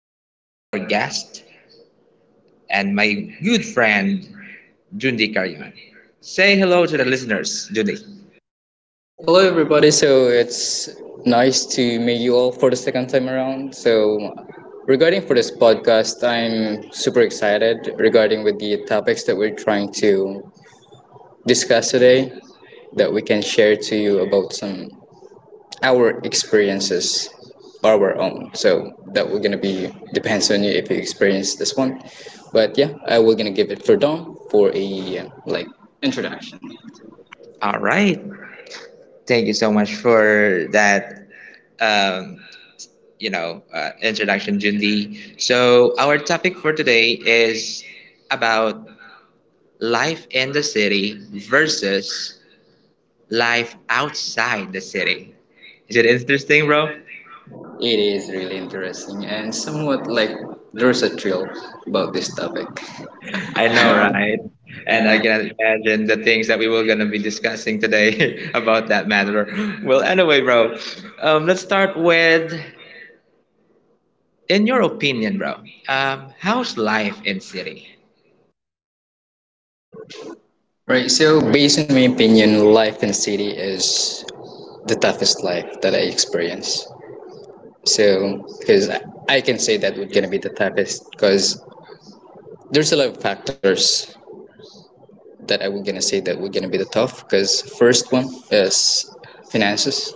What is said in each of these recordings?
we have our guest and my good friend, Jundi Karyaman. Say hello to the listeners, Jundi. Hello, everybody. So it's nice to meet you all for the second time around. So, regarding for this podcast, I'm super excited regarding with the topics that we're trying to discuss today that we can share to you about some our experiences, our own. So that we're gonna be depends on you if you experience this one. But yeah, I will gonna give it for Dom for a like introduction. All right. Thank you so much for that, um, introduction, Jundi. So our topic for today is about life in the city versus life outside the city. Is it interesting, bro? It is really interesting and somewhat like there's a thrill about this topic. I know, right? And I can imagine the things that we were going to be discussing today about that matter. Well, anyway, bro, let's start with, in your opinion, bro, how's life in city? Right, so based on my opinion, life in city is the toughest life that I experience. So, because I can say that would gonna be the toughest, because there's a lot of factors that I would gonna say that would gonna be the tough. Because first one is finances,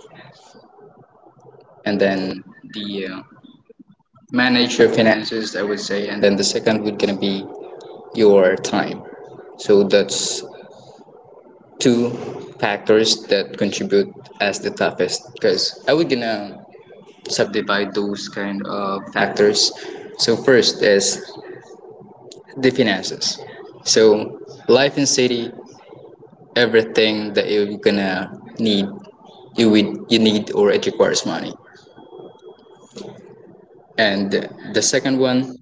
and then the manage your finances, I would say, and then the second would gonna be your time. So that's two factors that contribute as the toughest because I would gonna subdivide those kind of factors. So first is the finances. So life in city, everything that you're gonna need, you would you need or it requires money. And the second one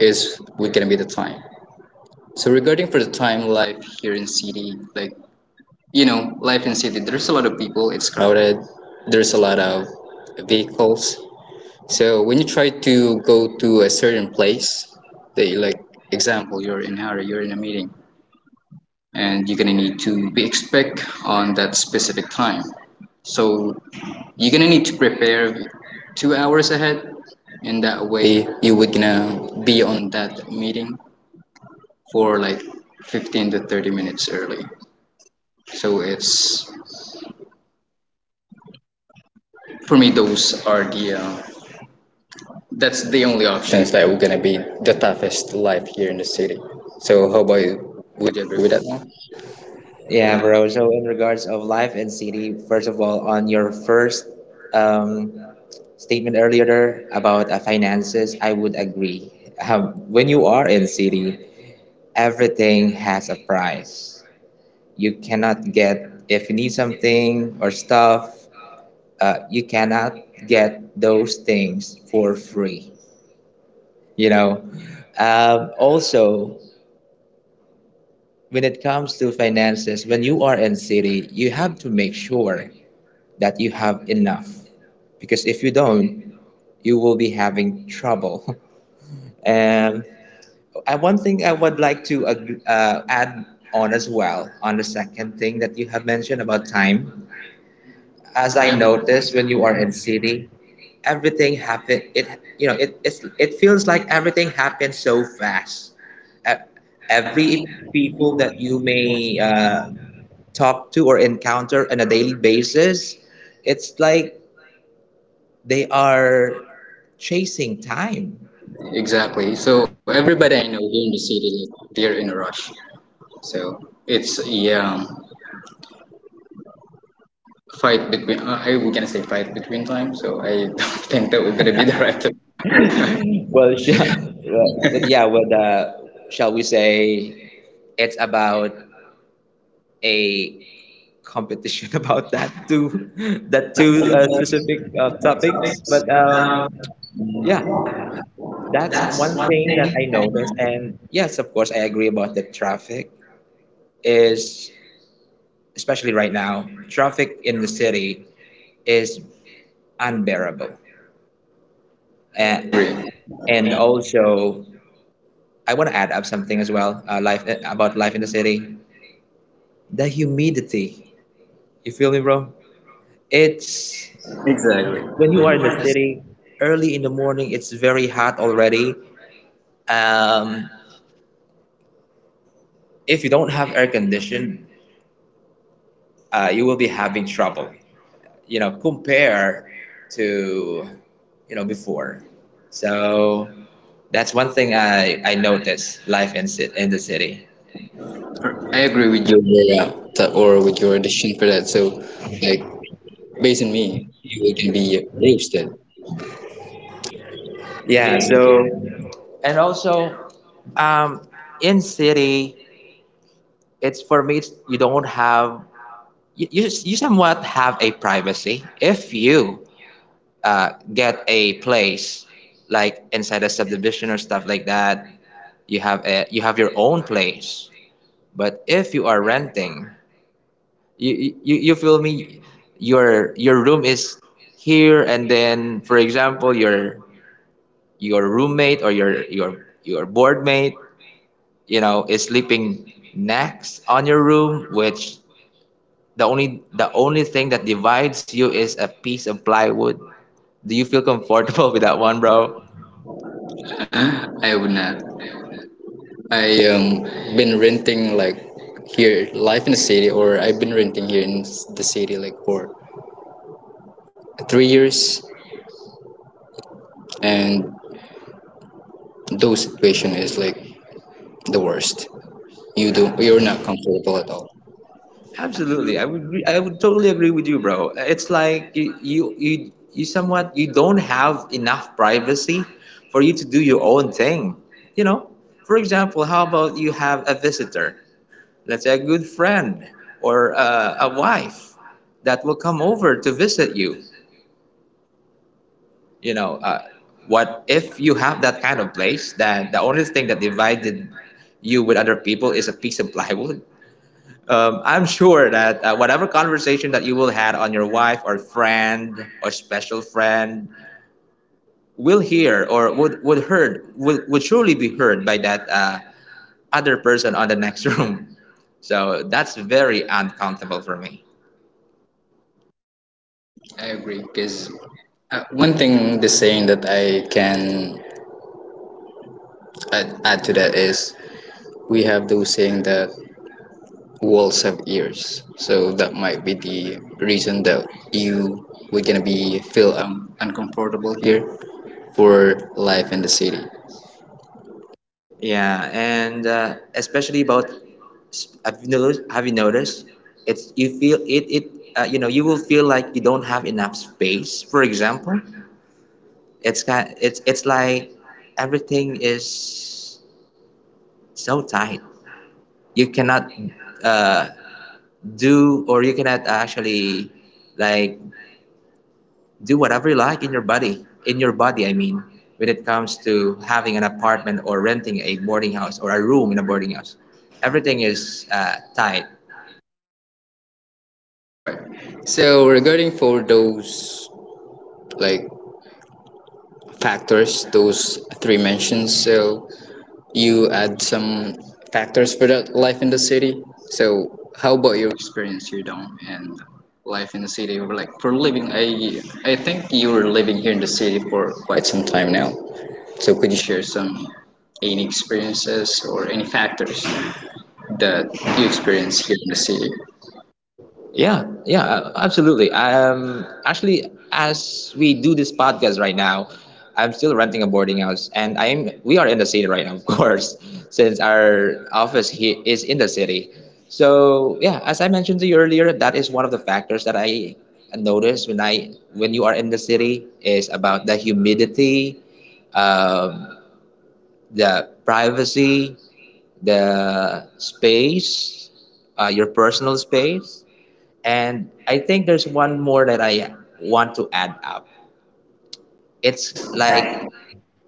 is would gonna be the time. So regarding for the time life here in city, like you know, life in city, there's a lot of people. It's crowded. There's a lot of vehicles. So when you try to go to a certain place, they like example you're in a hurry, you're in a meeting, and you're gonna need to be expect on that specific time. So you're gonna need to prepare 2 hours ahead. In that way, you would gonna be on that meeting for like 15 to 30 minutes early. So it's for me those are the that's the only options that we're going to be the toughest life here in the city. So how about you? Would you agree with that one? Yeah, bro. So in regards of life in city, first of all, on your first um, statement earlier about finances, I would agree. When you are in city, everything has a price. You cannot get, if you need something or stuff, you cannot get those things for free. You know, also, when it comes to finances, when you are in city, you have to make sure that you have enough because if you don't, you will be having trouble. And. And one thing I would like to add on as well on the second thing that you have mentioned about time. As I Yeah, noticed when you are in city, everything happen. It it feels like everything happens so fast. E- Every people that you may talk to or encounter on a daily basis, it's like they are chasing time exactly. So everybody I know here in the city, like, they're in a rush. So it's a fight between, I we're going to say fight between time. So I don't think that we're going to be the right term. Well, sure. Well, yeah, shall we say it's about a competition about that two specific topics. But yeah, that's one thing that I noticed. And yes, of course, I agree about the traffic is, especially right now, traffic in the city is unbearable. I And, agree. and also, I want to add up something as well, life about life in the city. The humidity. You feel me, bro? It's Exactly. when you are in the city early in the morning. It's very hot already. Um, if you don't have air condition, you will be having trouble. You know, compare to you know before. So that's one thing I noticed life in in the city. I agree with your or with your addition for that. So, like, based on me, it can be roasted. Yeah. So and also um, in city, it's for me. It's, you don't have you somewhat have a privacy if you get a place like inside a subdivision or stuff like that, you have a you have your own place. But if you are renting, you feel me, your room is here, and then for example your roommate or your board mate, you know, is sleeping next on your room, which the only thing that divides you is a piece of plywood. Do you feel comfortable with that one, bro? I would not. I been renting like here life in the city, or I've been renting here in the city like for 3 years, and those situation is like the worst. You A- don't, you're not comfortable at all. Absolutely. I would I would totally agree with you, bro. It's like you somewhat you don't have enough privacy for you to do your own thing. You know, for example, how about you have a visitor, let's say a good friend or a wife that will come over to visit you. You know, what if you have that kind of place, then the only thing that divided you with other people is a piece of plywood. I'm sure that whatever conversation that you will had on your wife or friend or special friend will hear or would heard would surely be heard by that other person on the next room. So that's very uncomfortable for me. I agree, because one thing the saying that I can add to that is we have those saying that walls have ears, so that might be the reason that you were gonna be feel uncomfortable here for life in the city. Yeah, and especially about Have you noticed? It's you feel it it You know, you will feel like you don't have enough space. For example, it's kind it's like everything is so tight. You cannot uh, do, or you cannot actually like do whatever you like in your body. In your body, I mean, when it comes to having an apartment or renting a boarding house or a room in a boarding house, everything is tight. That's right, so regarding for those like factors those three mentions, so you add some factors for that life in the city. So, how about your experience here down and life in the city? Or, like for living, I think you were living here in the city for quite some time now. So, could you share some any experiences or any factors that you experience here in the city? Yeah, absolutely. Actually, as we do this podcast right now, I'm still renting a boarding house, and I'm we are in the city right now, of course, since our office here is in the city. So yeah, as I mentioned to you earlier, that is one of the factors that I notice when I when you are in the city is about the humidity, um, the privacy, the space, your personal space. And I think there's one more that I want to add up. It's like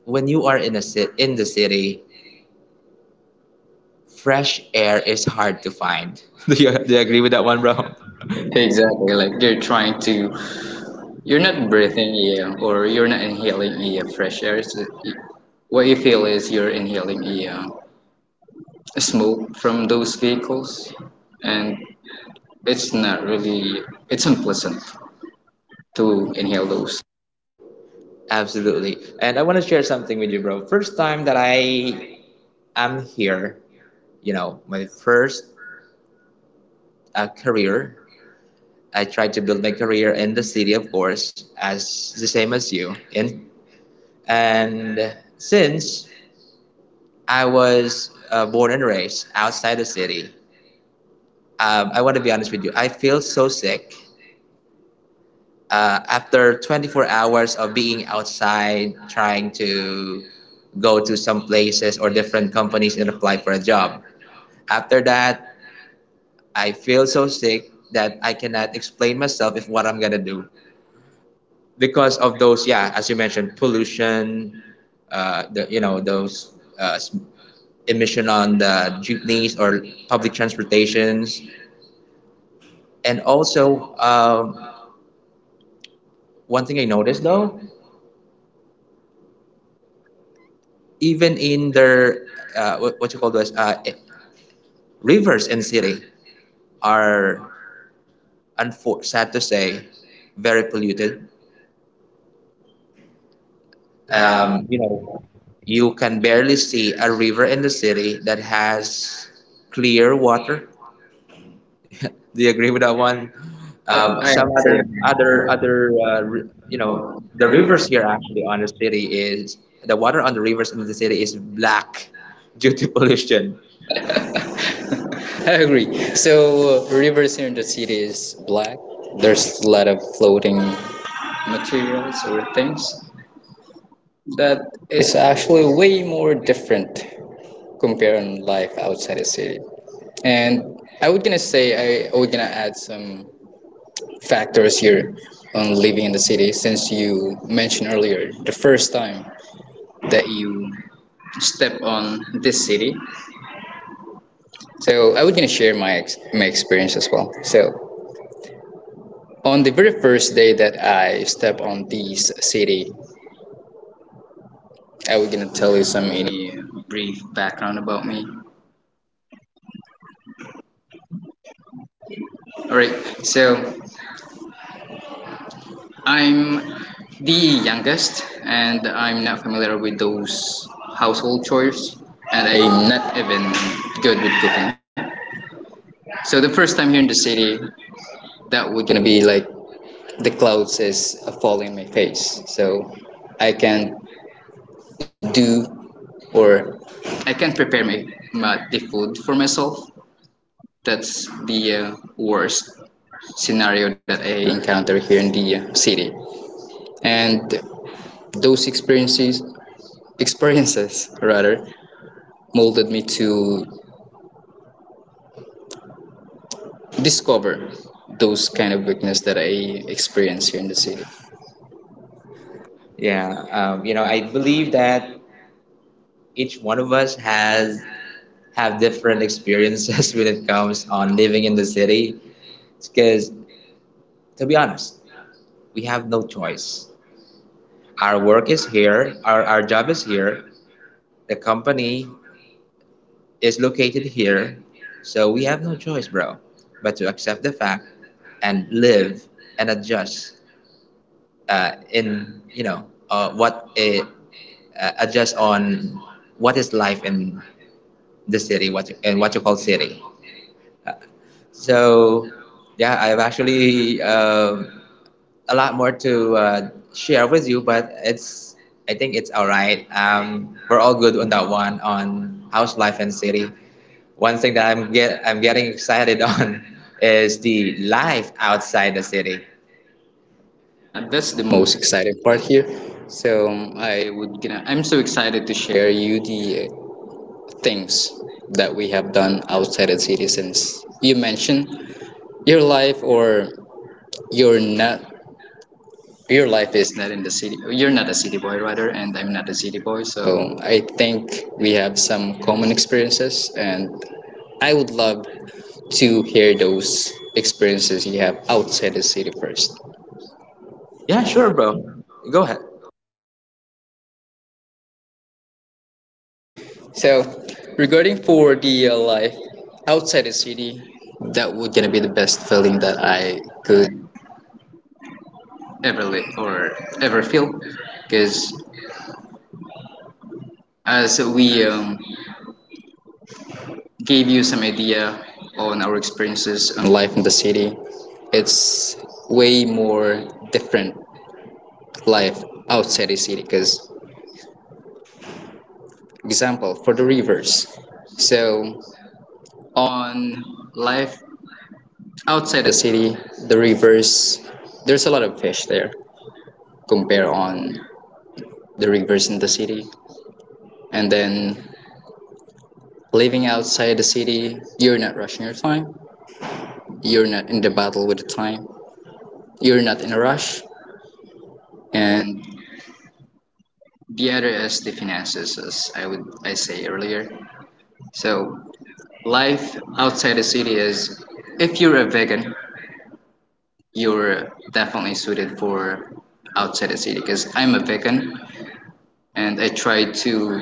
when you are in a in the city, fresh air is hard to find. Do you agree with that one, bro? Exactly, like you're trying to, you're not breathing air or you're not inhaling air fresh air. So what you feel is you're inhaling air smoke from those vehicles, and it's not really it's unpleasant to inhale those. Absolutely. And I want to share something with you, bro. First time that I am here, you know, my first career, I tried to build my career in the city, of course, as the same as you. And since I was born and raised outside the city, I want to be honest with you. I feel so sick after 24 hours of being outside, trying to go to some places or different companies and apply for a job. After that, I feel so sick that I cannot explain myself if what I'm gonna do because of those. Yeah, as you mentioned, pollution. The you know those uh, emission on the jeepneys or public transportations, and also one thing I noticed though, even in their what you call those rivers and city are sad to say very polluted. You know, you can barely see a river in the city that has clear water. Do you agree with that one? I Some other you know, the rivers here actually on the city is the water on the rivers in the city is black due to pollution. I agree. So rivers here in the city is black. There's a lot of floating materials or things that is actually way more different compared comparing life outside the city. And I would gonna say I would gonna add some factors here on living in the city since you mentioned earlier the first time that you step on this city. So I was gonna share my experience as well. So on the very first day that I step on this city, I was gonna tell you some any brief background about me. All right. So I'm the youngest, and I'm not familiar with those household chores, and I'm not even good with cooking. So the first time here in the city, that would gonna be like the clouds is falling in my face so I can do or I can prepare my the food for myself. That's the worst scenario that I encounter here in the city. And those experiences rather molded me to discover those kind of weakness that I experience here in the city. Yeah, you know, I believe that each one of us has have different experiences when it comes on living in the city. Because to be honest, we have no choice. Our work is here, our job is here. The company is located here. So we have no choice, bro, but to accept the fact and live and adjust in you know what adjust on what is life in the city, what and what you call city. So, yeah, I've actually a lot more to share with you, but it's I think it's all right. We're all good on that one on house life and city. One thing that I'm getting excited on is the life outside the city. Yeah, that's the most exciting part here. So I would gonna, I'm so excited to share you the things that we have done outside the city since you mentioned your life or your not your life is not in the city. You're not a city boy rather, and I'm not a city boy. So I think we have some common experiences, and I would love to hear those experiences you have outside the city first. Yeah, sure, bro. Go ahead. Okay, so regarding for the life outside the city, that would gonna be the best feeling that I could ever live or ever feel, because as we gave you some idea on our experiences on life in the city, it's way more different life outside the city. Because example for the rivers, so on life outside the city, the rivers, there's a lot of fish there compare on the rivers in the city. And then living outside the city, you're not rushing your time. You're not in the battle with the time. You're not in a rush. And the other is the finances, as I would I say earlier. So life outside the city is, if you're a vegan, you're definitely suited for outside the city because I'm a vegan and I try to.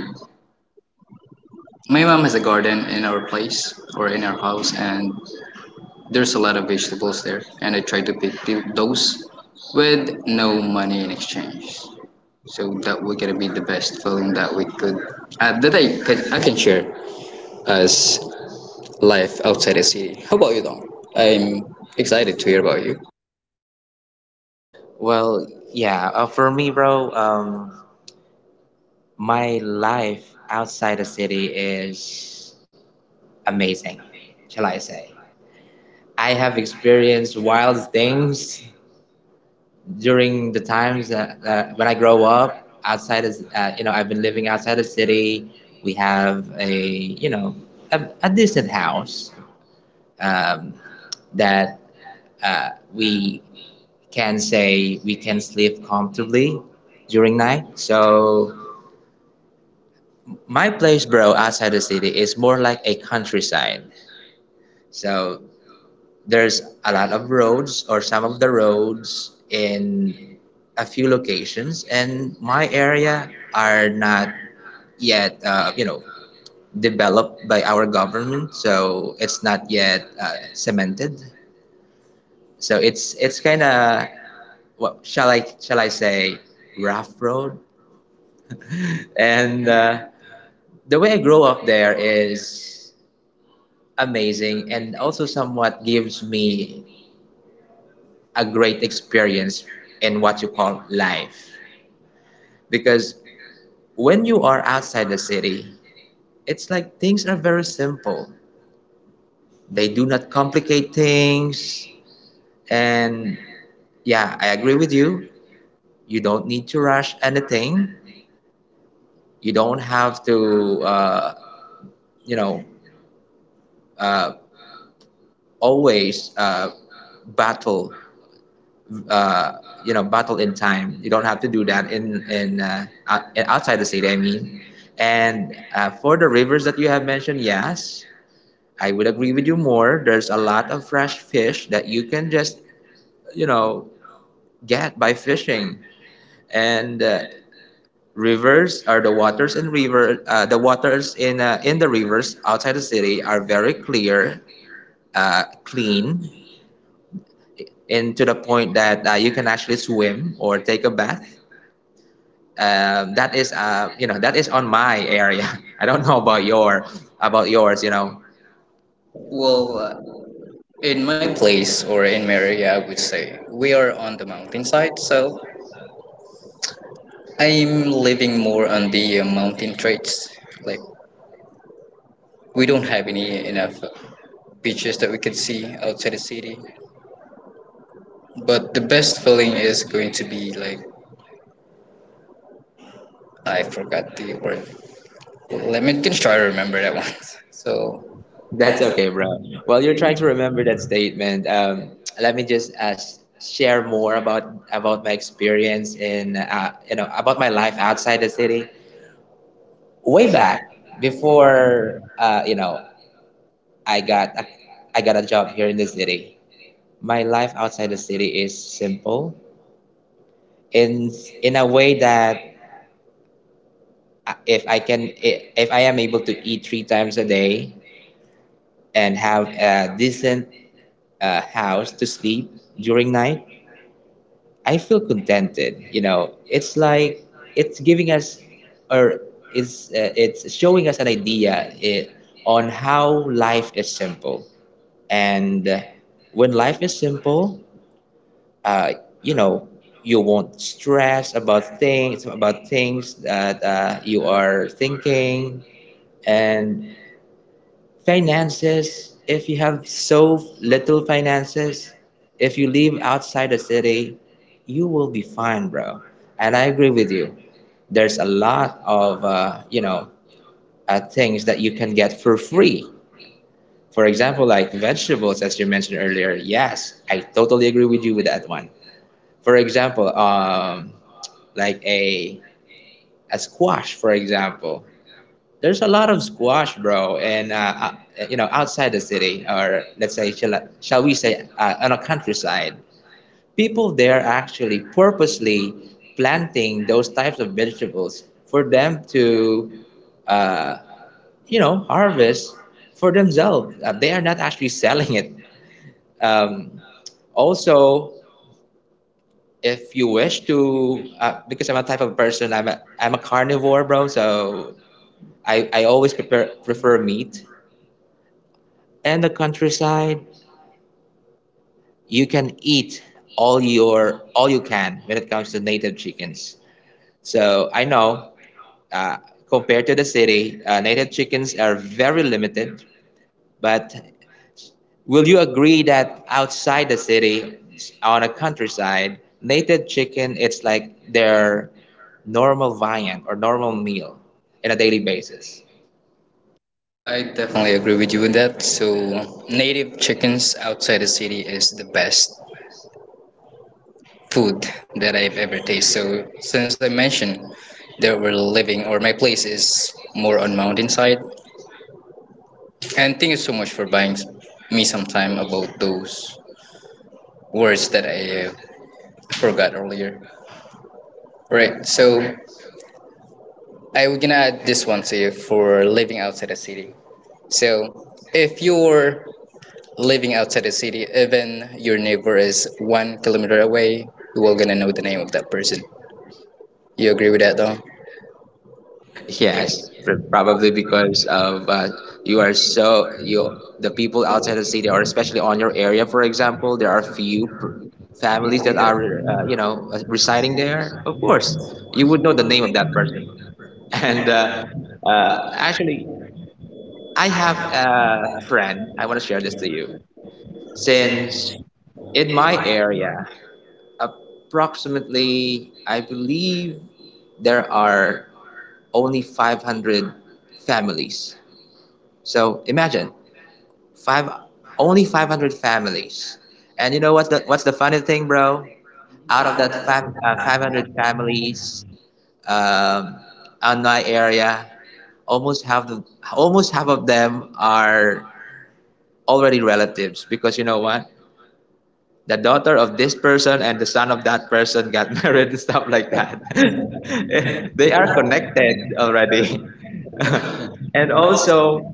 My mom has a garden in our place or in our house, and there's a lot of vegetables there, and I try to pick those with no money in exchange, so that we're gonna be the best feeling that we could that I can share as life outside the city. How about you, Dom? I'm excited to hear about you. Well, yeah, for me, bro, my life outside the city is amazing, shall I say? I have experienced wild things during the times that when I grow up outside is you know, I've been living outside the city. We have a you know a decent house um, that we can say we can sleep comfortably during night. So my place, bro, outside the city is more like a countryside. So there's a lot of roads, or some of the roads in a few locations and my area are not yet you know, developed by our government, so it's not yet cemented. So it's kind of what shall I say, rough road. And the way I grow up there is amazing and also somewhat gives me a great experience in what you call life. Because when you are outside the city, it's like things are very simple. They do not complicate things. And yeah, I agree with you. You don't need to rush anything. You don't have to, you know, uh, always battle. Uh, you know, battle in time. You don't have to do that in outside the city. I mean, and for the rivers that you have mentioned, yes, I would agree with you more. There's a lot of fresh fish that you can just, you know, get by fishing. And rivers are the waters in river. The waters in the rivers outside the city are very clear, clean, and to the point that you can actually swim or take a bath. That is, you know, that is on my area. I don't know about your about yours. You know. Well, in my place or in my area, I would say we are on the mountainside, so I'm living more on the mountain traits, like we don't have any enough beaches that we can see outside the city, but the best feeling is going to be like I forgot the word. Let me can try to remember that one. So That's that's a okay, bro. Well, you're trying to remember that statement. Let me just share more about my experience in you know, about my life outside the city. Way way back. back Before. before you know, I got a, I got a job here in the city. My life outside the city is simple in in a way that if if I am able to eat three times a day and have a decent house to sleep during night, I feel contented. You know, it's like it's giving us, or it's showing us an idea on how life is simple. And when life is simple, uh, you know, you won't stress about things that you are thinking, and finances. If you have so little finances, if you live outside the city, you will be fine, bro. And I agree with you. There's a lot of, things that you can get for free. For example, like vegetables, as you mentioned earlier. Yes, I totally agree with you with that one. For example, like a squash, for example. There's a lot of squash, bro, and outside the city, or let's say, shall we say, on a countryside, people there actually purposely planting those types of vegetables for them to, uh, harvest for themselves. They are not actually selling it. Um, also, if you wish to, because I'm a type of person, I'm a carnivore, bro. So I always prefer meat. And the countryside, you can eat all you can when it comes to native chickens. So I know, uh, compared to the city, native chickens are very limited. But will you agree that outside the city, on a countryside, native chicken, it's like their normal viand or normal meal in a daily basis? I definitely agree with you on that. So native chickens outside the city is the best food that I've ever tasted. So since I mentioned that we're living or my place is more on mountainside, and thank you so much for buying me some time about those words that I forgot earlier. Right, so I'm gonna add this one to you for living outside the city. So if you're living outside the city, even your neighbor is 1 kilometer away, you are gonna know the name of that person. You agree with that, though? Yes, probably because of you are so you the people outside the city, or especially on your area, for example, there are few families that are residing there. Of course, you would know the name of that person. And Hmm? Actually, I have a friend. I want to share this to you. Since in my area, approximately, I believe there are only 500 families. So imagine five only 500 families. And what's the funny thing, bro? Out of that 500 families um, on my area, almost half the almost half of them are already relatives. Because you know what? The daughter of this person and the son of that person got married and stuff like that. They are connected already. And also,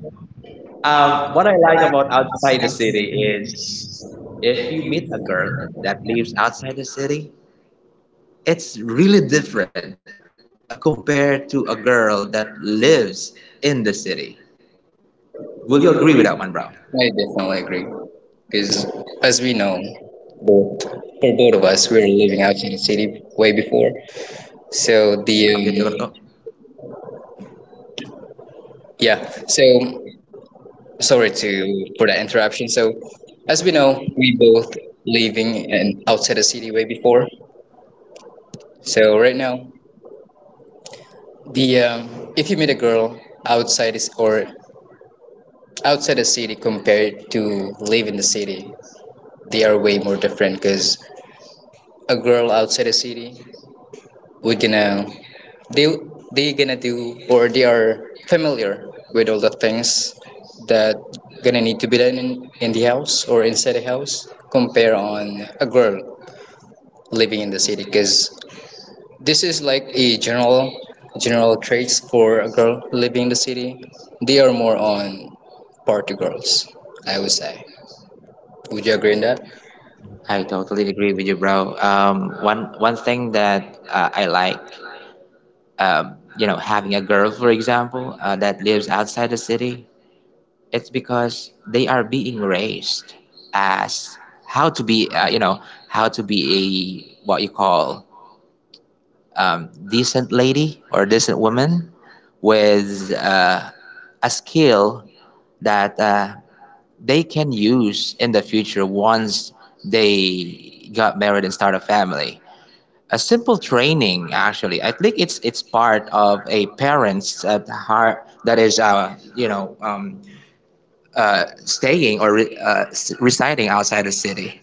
What I like about outside the city is if you meet a girl that lives outside the city, it's really different compared to a girl that lives in the city. Will you agree with that one, bro? I definitely agree. Because as we know, both for both of us, we were living outside the city way before. So the yeah. So sorry to for that interruption. So as we know, we both living and outside the city way before. So right now, the if you meet a girl outside is or outside the city compared to live in the city, they are way more different. Because a girl outside the city, we're gonna they they gonna do or they are familiar with all the things that gonna need to be done in the house or inside the house compare on a girl living in the city, because this is like a general traits for a girl living in the city. They are more on party girls, I would say. Would you agree on that? I totally agree with you, bro. One thing that I like, having a girl, for example, that lives outside the city. It's because they are being raised as how to be, how to be a, what you call, decent lady or decent woman with a skill that they can use in the future, once they got married and start a family. A simple training, actually, I think it's part of a parent's heart that is, uh, staying or residing outside the city.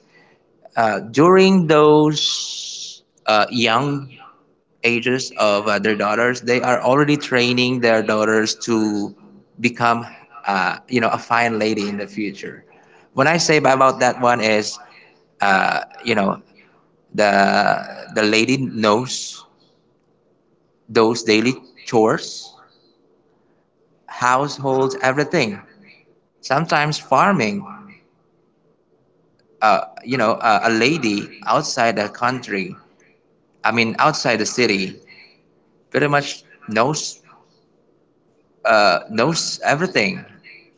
During those young ages of their daughters, they are already training their daughters to become, a fine lady in the future. When I say about that one is, uh, you know, the lady knows those daily chores, households, everything. Sometimes farming. Uh, you know, a lady outside the country, I mean, outside the city, pretty much knows everything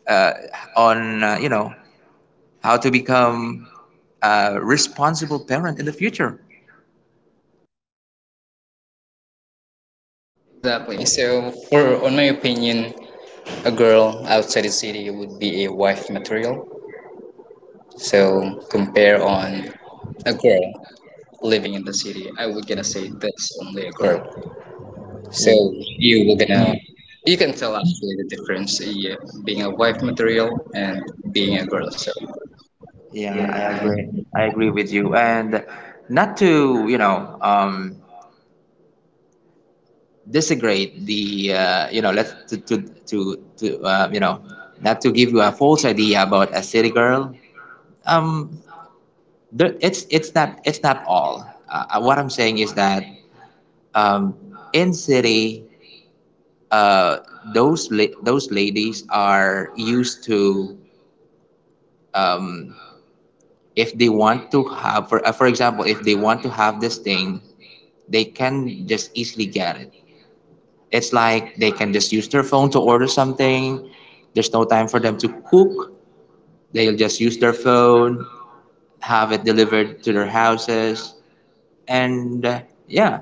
uh, on how to become a responsible parent in the future. Exactly, so for on my opinion a girl outside the city would be a wife material. So compare on a girl living in the city. I was gonna say that's only a girl. So Yeah, you were gonna you can tell actually the difference, yeah, being a wife material and being a girl. So yeah, I yeah, agree. I agree with you. And not to disagree the you know let to you know not to give you a false idea about a city girl. Um, there, it's not all. What I'm saying is that um, in city, uh, those those ladies are used to, if they want to have for example, if they want to have this thing, they can just easily get it. It's like they can just use their phone to order something. There's no time for them to cook. They'll just use their phone, have it delivered to their houses. And yeah.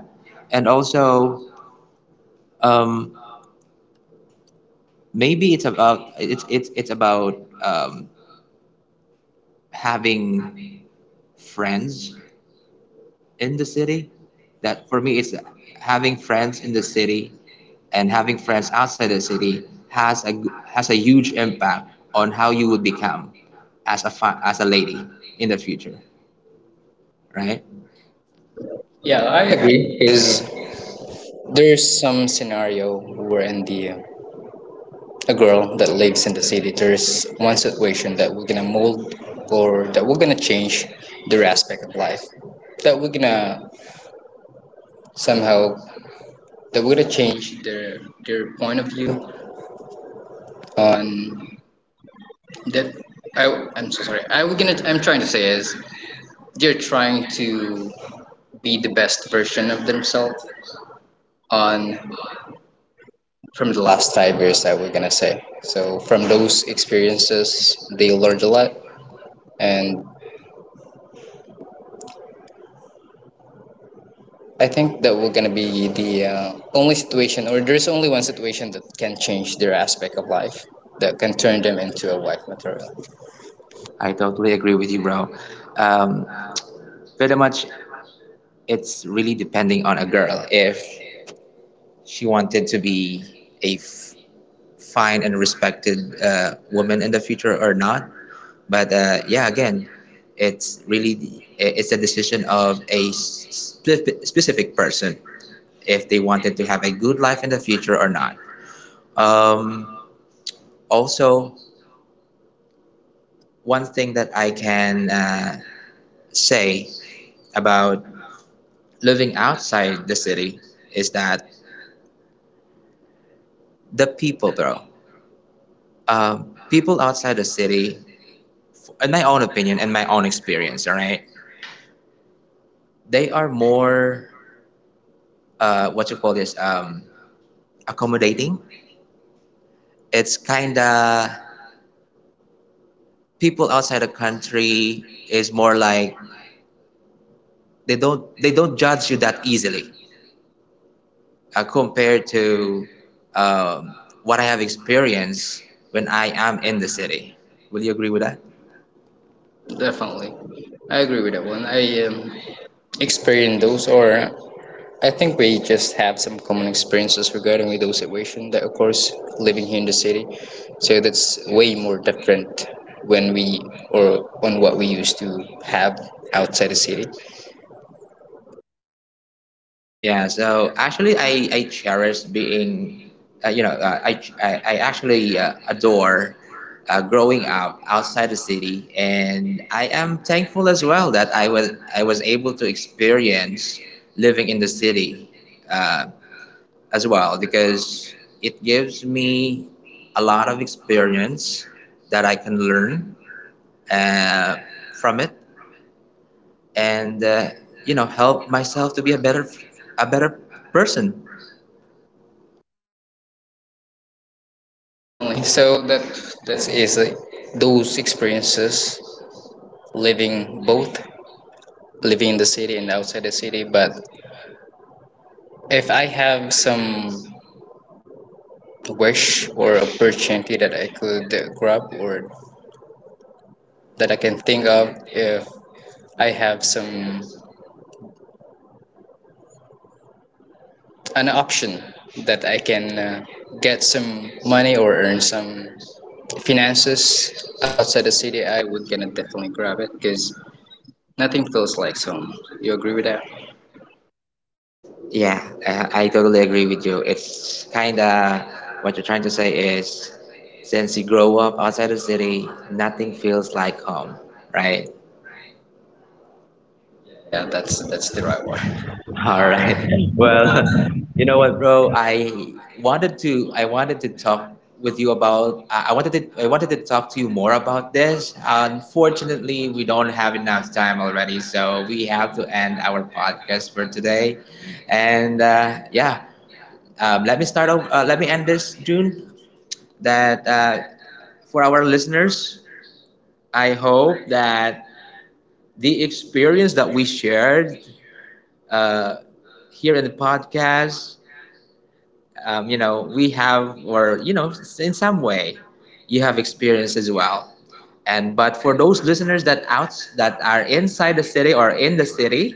And also, um, maybe it's about, um, having friends in the city. That for me is, having friends in the city and having friends outside the city has a huge impact on how you would become as a as a lady in the future, right? yeah, I agree because there's some scenario where in the a girl that lives in the city, there's one situation that we're gonna mold or that we're gonna change their aspect of life that we're gonna somehow that would have changed their point of view on that. I, I'm so sorry. I was gonna. I'm trying to say is they're trying to be the best version of themselves on from the last 5 years. I was gonna say. So from those experiences, they learned a lot, and I think that we're gonna be the only situation, or there's only one situation that can change their aspect of life, that can turn them into a wife material. I totally agree with you, bro. Um, pretty much, it's really depending on a girl, if she wanted to be a fine and respected woman in the future or not. But yeah, again, it's really the- it's a decision of a specific person if they wanted to have a good life in the future or not. Um, also, one thing that I can say about living outside the city is that the people, bro, people outside the city, in my own opinion and my own experience, all right, they are more, what you call this, accommodating. It's kind of, people outside the country is more like, they don't judge you that easily compared to um, what I have experienced when I am in the city. Will you agree with that? Definitely, I agree with that one. I experience those or I think we just have some common experiences regarding with those situation that of course living here in the city so that's way more different when we or on what we used to have outside the city. Yeah, so actually, I cherish being, I actually adore growing up outside the city, and I am thankful as well that I was able to experience living in the city uh, as well, because it gives me a lot of experience that I can learn uh, from it, and help myself to be a better a better person. Definitely, so that is those experiences living both living in the city and outside the city, but if I have some wish or opportunity that I could grab or that I can think of, if I have some an option that I can get some money or earn some finances outside the city, I would gonna definitely grab it because nothing feels like home. You agree with that? Yeah, I totally agree with you. It's kind of, what you're trying to say is, since you grow up outside the city, nothing feels like home, right? Yeah, yeah, that's the right one. All right. Well, you know what, bro? I wanted to talk with you about I wanted to talk to you more about this. Unfortunately, we don't have enough time already, so we have to end our podcast for today. And yeah, let me start off. Let me end this, June. That for our listeners, I hope that the experience that we shared uh, here in the podcast, you know, we have, or, you know, in some way, you have experience as well. And but for those listeners that out that are inside the city or in the city,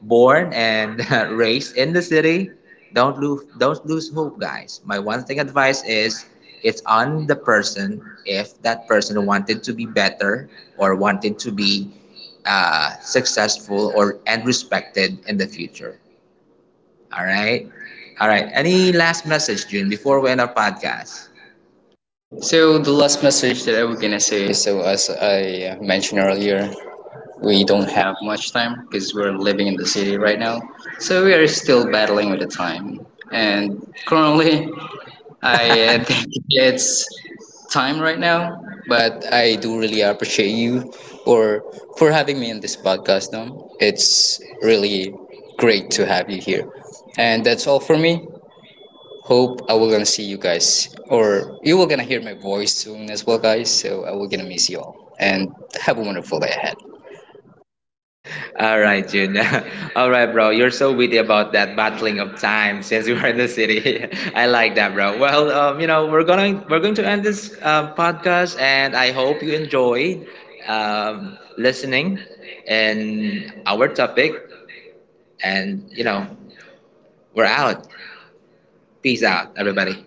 born and raised in the city, don't lose hope, guys. My one thing advice is, it's on the person if that person wanted to be better or wanted to be successful or and respected in the future. All right. All right. Any last message, June, before we end our podcast? So the last message that I was gonna say is so as I mentioned earlier, we don't have much time because we're living in the city right now. So we are still battling with the time. And currently I think it's time right now, but I do really appreciate you or for having me in this podcast. No, it's really great to have you here, and that's all for me. Hope I will gonna see you guys, or you will gonna hear my voice soon as well, guys. So I will gonna miss you all, and have a wonderful day ahead. All right, June. All right, bro. You're so witty about that battling of time since we were in the city. I like that, bro. Well, you know, we're going to end this podcast, and I hope you enjoyed listening and our topic. And you know, we're out. Peace out, everybody.